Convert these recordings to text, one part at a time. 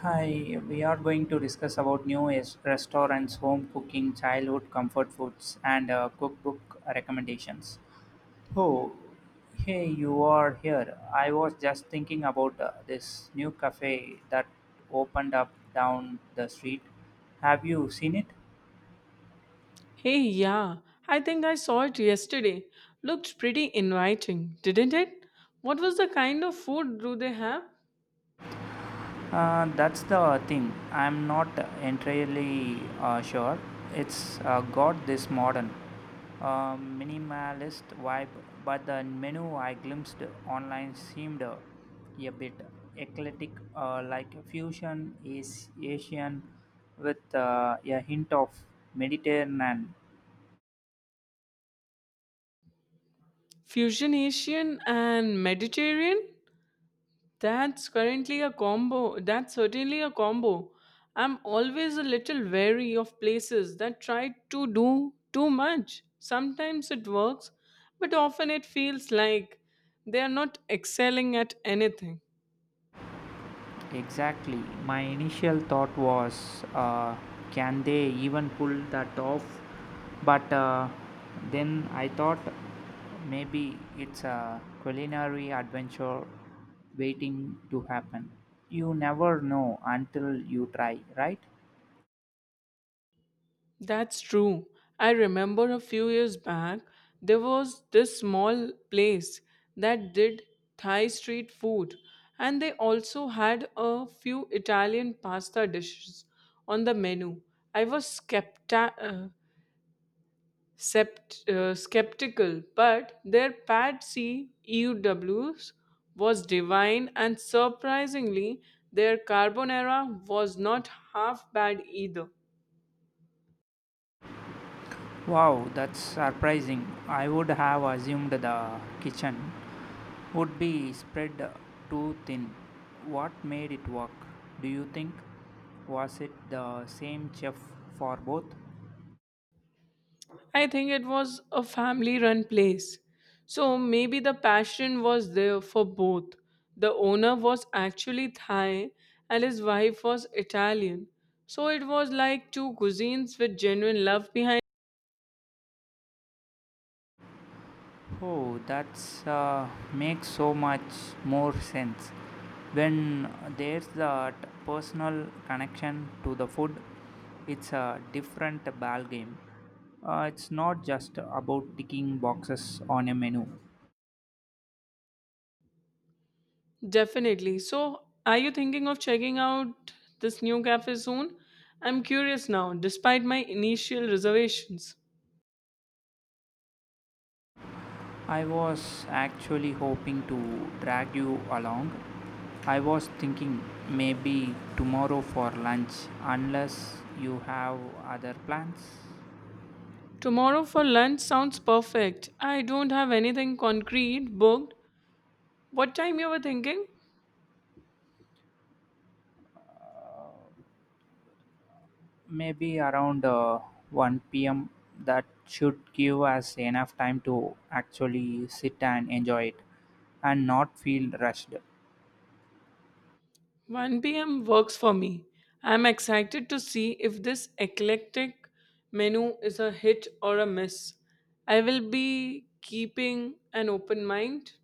Hi, we are going to discuss about new is restaurants, home cooking, childhood comfort foods, and cookbook recommendations. Oh, hey, you are here. I was just thinking about this new cafe that opened up down the street. Have you seen it? Hey, yeah, I think I saw it yesterday. Looked pretty inviting, didn't it? What was the kind of food do they have? That's the thing. I'm not entirely sure. It's got this modern, minimalist vibe, but the menu I glimpsed online seemed a bit eclectic, like fusion is Asian with a hint of Mediterranean. Fusion Asian and Mediterranean? That's currently a combo. That's certainly a combo. I'm always a little wary of places that try to do too much. Sometimes it works, but often it feels like they are not excelling at anything. Exactly. My initial thought was, can they even pull that off? But then I thought maybe it's a culinary adventure waiting to happen. You never know until you try, right? That's true. I remember a few years back, there was this small place that did Thai street food, and they also had a few Italian pasta dishes on the menu. I was skeptical, but their pad C EUWs was divine, and surprisingly, their carbonara was not half bad either. Wow, that's surprising. I would have assumed the kitchen would be spread too thin. What made it work, do you think? Was it the same chef for both? I think it was a family run place. So maybe the passion was there for both. The owner was actually Thai and his wife was Italian. So it was like two cuisines with genuine love behind. Oh, that's makes so much more sense. When there's that personal connection to the food, it's a different ball game. It's not just about ticking boxes on a menu. Definitely. So are you thinking of checking out this new cafe soon? I'm curious now, despite my initial reservations. I was actually hoping to drag you along. I was thinking maybe tomorrow for lunch, unless you have other plans. Tomorrow for lunch sounds perfect. I don't have anything concrete booked. What time you were thinking? Maybe around 1 p.m., that should give us enough time to actually sit and enjoy it and not feel rushed. 1 p.m. works for me. I'm excited to see if this eclectic menu is a hit or a miss. I will be keeping an open mind.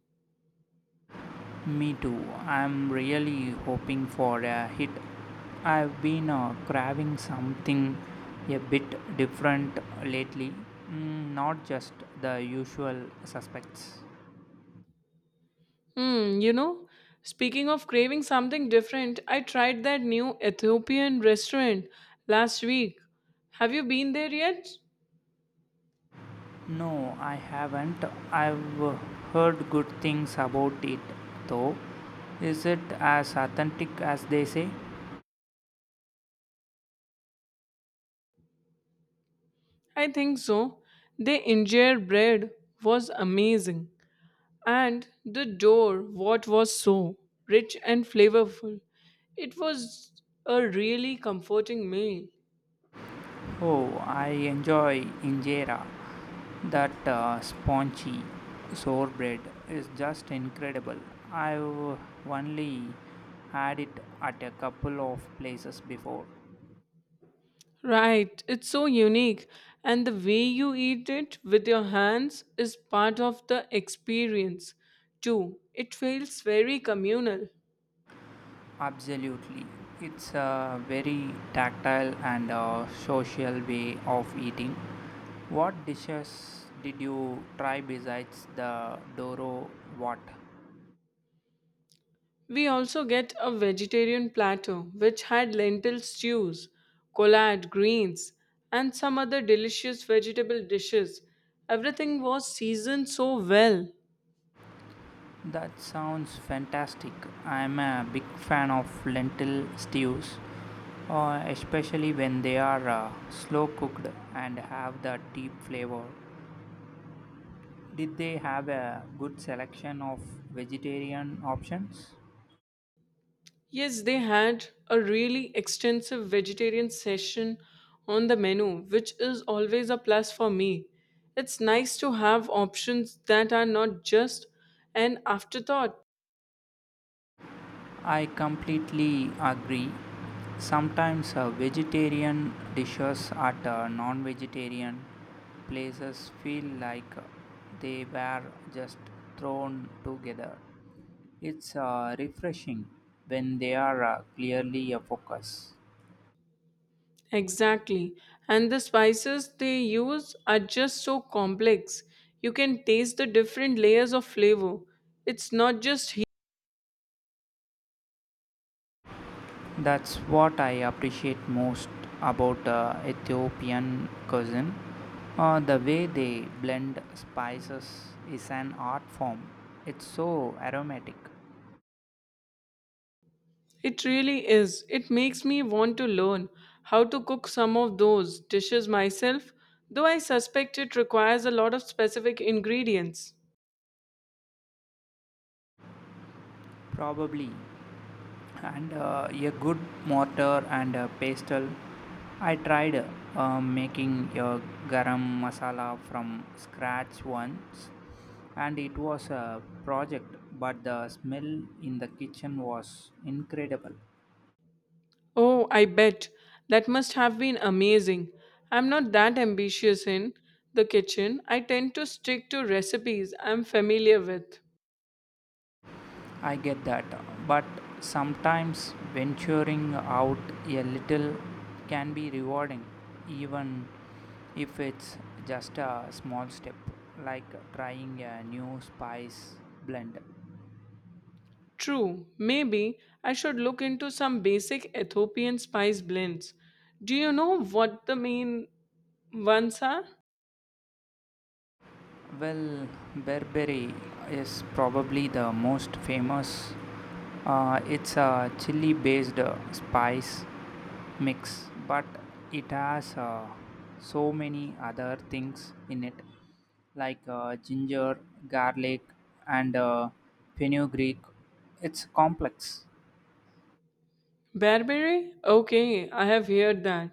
Me too. I'm really hoping for a hit. I've been craving something a bit different lately, not just the usual suspects. Hmm, you know, speaking of craving something different, I tried that new Ethiopian restaurant last week. Have you been there yet? No, I haven't. I've heard good things about it, though. Is it as authentic as they say? I think so. The injera bread was amazing, and the door, what was so rich and flavorful. It was a really comforting meal. Oh, I enjoy injera. That spongy sorbet is just incredible. I've only had it at a couple of places before. Right, it's so unique. And the way you eat it with your hands is part of the experience too. It feels very communal. Absolutely. It's a very tactile and social way of eating. What dishes did you try besides the Doro what? We also get a vegetarian platter which had lentil stews, collard greens, and some other delicious vegetable dishes. Everything was seasoned so well. That sounds fantastic. I'm a big fan of lentil stews, especially when they are slow cooked and have the deep flavor. Did they have a good selection of vegetarian options? Yes, they had a really extensive vegetarian session on the menu, which is always a plus for me. It's nice to have options that are not just an afterthought. I completely agree. Sometimes vegetarian dishes at non vegetarian places feel like they were just thrown together. It's refreshing when they are clearly a focus. Exactly. And the spices they use are just so complex. You can taste the different layers of flavor. It's not just That's what I appreciate most about Ethiopian cuisine. The way they blend spices is an art form. It's so aromatic. it really is. It makes me want to learn how to cook some of those dishes myself, though I suspect it requires a lot of specific ingredients. Probably. And a good mortar and a pestle. I tried making a garam masala from scratch once, and it was a project, but the smell in the kitchen was incredible. Oh, I bet. That must have been amazing. I'm not that ambitious in the kitchen. I tend to stick to recipes I'm familiar with. I get that, but sometimes venturing out a little can be rewarding, even if it's just a small step, like trying a new spice blend. True, maybe I should look into some basic Ethiopian spice blends. Do you know what the main ones are? Well, Burberry is probably the most famous. It's a chili based spice mix, but it has so many other things in it, like ginger, garlic, and fenugreek. It's complex. Bearberry? Okay, I have heard that.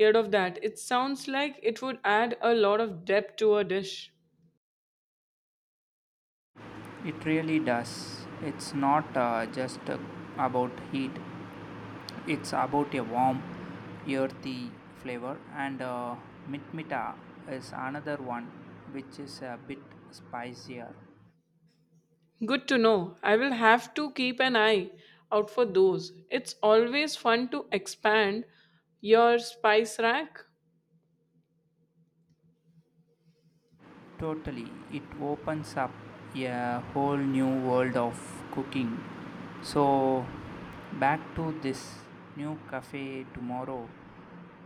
Heard of that. It sounds like it would add a lot of depth to a dish. It really does. It's not just about heat. It's about a warm, earthy flavor, and mitmita is another one, which is a bit spicier. Good to know. I will have to keep an eye out for those. It's always fun to expand your spice rack. Totally. It opens up a whole new world of cooking. So, back to this new cafe tomorrow.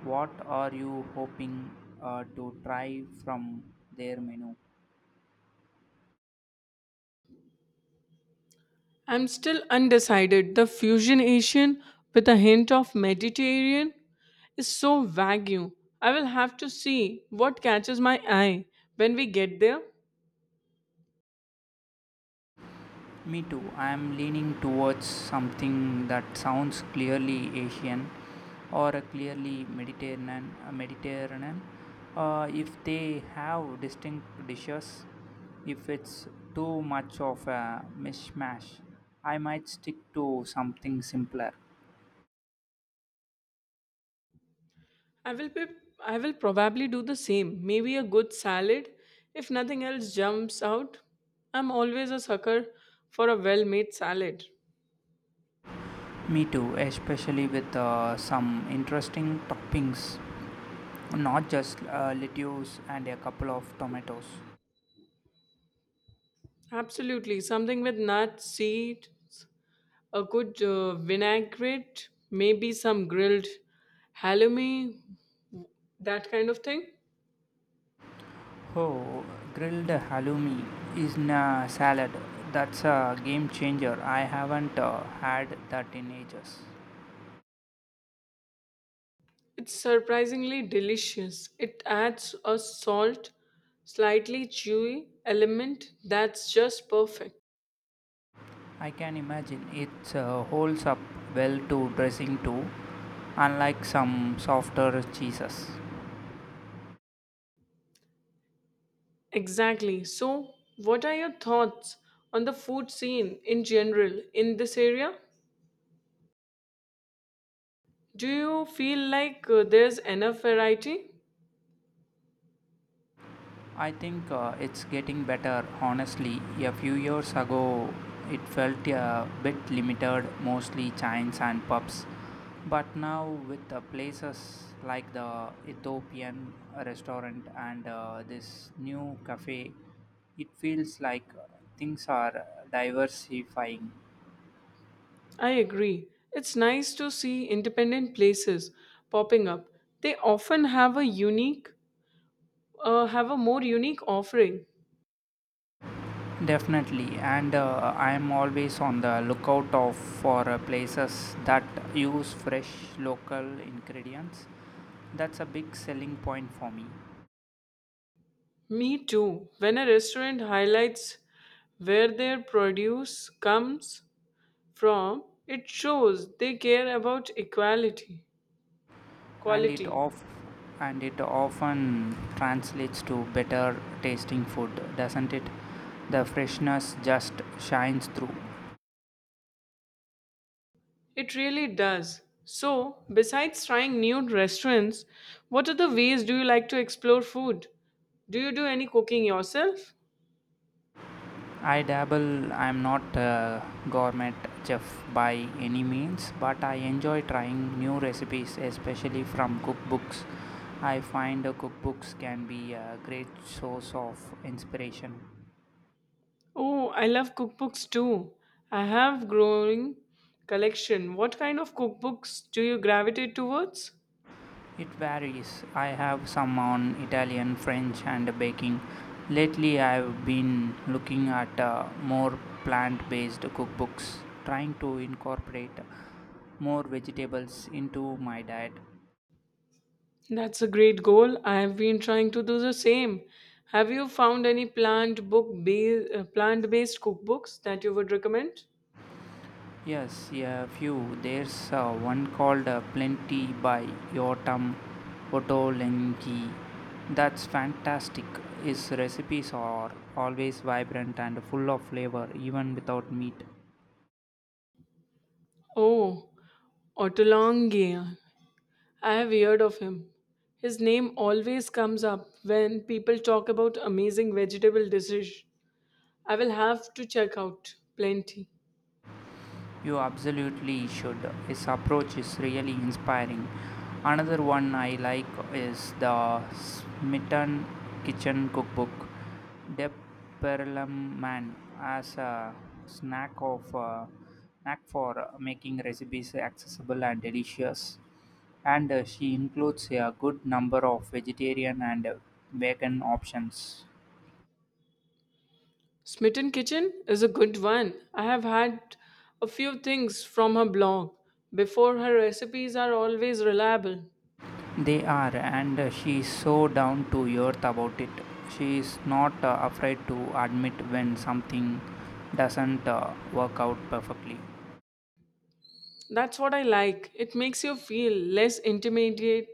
What are you hoping to try from their menu? I'm still undecided. The fusion Asian with a hint of Mediterranean is so vague. I will have to see what catches my eye when we get there. Me too. I am leaning towards something that sounds clearly Asian or a clearly Mediterranean. If they have distinct dishes, if it's too much of a mishmash, I might stick to something simpler. I will be, I will probably do the same. Maybe a good salad if nothing else jumps out. I'm always a sucker for a well-made salad. Me too, especially with some interesting toppings, not just lettuce and a couple of tomatoes. Absolutely, something with nuts, seeds, a good vinaigrette, maybe some grilled halloumi, that kind of thing. Oh, grilled halloumi is in a salad. That's a game changer. I haven't had that in ages. It's surprisingly delicious. It adds a salt, slightly chewy element that's just perfect. I can imagine it holds up well to dressing too, unlike some softer cheeses. Exactly. So, what are your thoughts on the food scene in general in this area? Do you feel like there's enough variety? I think it's getting better, honestly. A few years ago, it felt a bit limited, mostly chains and pubs. But now, with the places like the Ethiopian restaurant and this new cafe, it feels like things are diversifying. I agree. It's nice to see independent places popping up. They often have a have a more unique offering. Definitely, and I am always on the lookout of for places that use fresh, local ingredients. That's a big selling point for me, Me too. When a restaurant highlights where their produce comes from, it shows they care about equality, and it quality. of and it often translates to better tasting food, doesn't it? The freshness just shines through. It really does. So, besides trying new restaurants, what other ways do you like to explore food? Do you do any cooking yourself? I dabble. I'm not a gourmet chef by any means, but I enjoy trying new recipes, especially from cookbooks. I find cookbooks can be a great source of inspiration. Oh, I love cookbooks too. I have growing collection. What kind of cookbooks do you gravitate towards? It varies. I have some on Italian, French, and baking. Lately, I've been looking at more plant based cookbooks, trying to incorporate more vegetables into my diet. That's a great goal. I have been trying to do the same. Have you found any plant book based plant based cookbooks that you would recommend? Yes, yeah, a few. There's one called Plenty by Yotam Ottolenghi. That's fantastic. His recipes are always vibrant and full of flavor, even without meat. Oh, Otolonghi. I have heard of him. His name always comes up when people talk about amazing vegetable dishes. I will have to check out plenty. You absolutely should. His approach is really inspiring. Another one I like is the Smitten Kitchen Cookbook. Deb Perelman has a snack of knack for making recipes accessible and delicious, and she includes a good number of vegetarian and vegan options. Smitten Kitchen is a good one. I have had a few things from her blog. Before her recipes are always reliable. They are, and she is so down to earth about it. She is not afraid to admit when something doesn't work out perfectly. That's what I like. It makes you feel less intimidated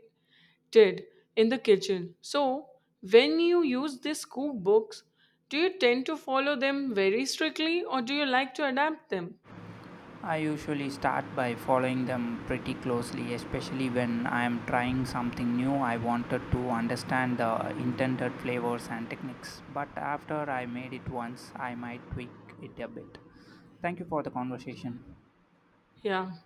in the kitchen. So, when you use these cookbooks, do you tend to follow them very strictly or do you like to adapt them? I usually start by following them pretty closely, especially when I am trying something new. I wanted to understand the intended flavors and techniques, but after I made it once, I might tweak it a bit. Thank you for the conversation. Yeah.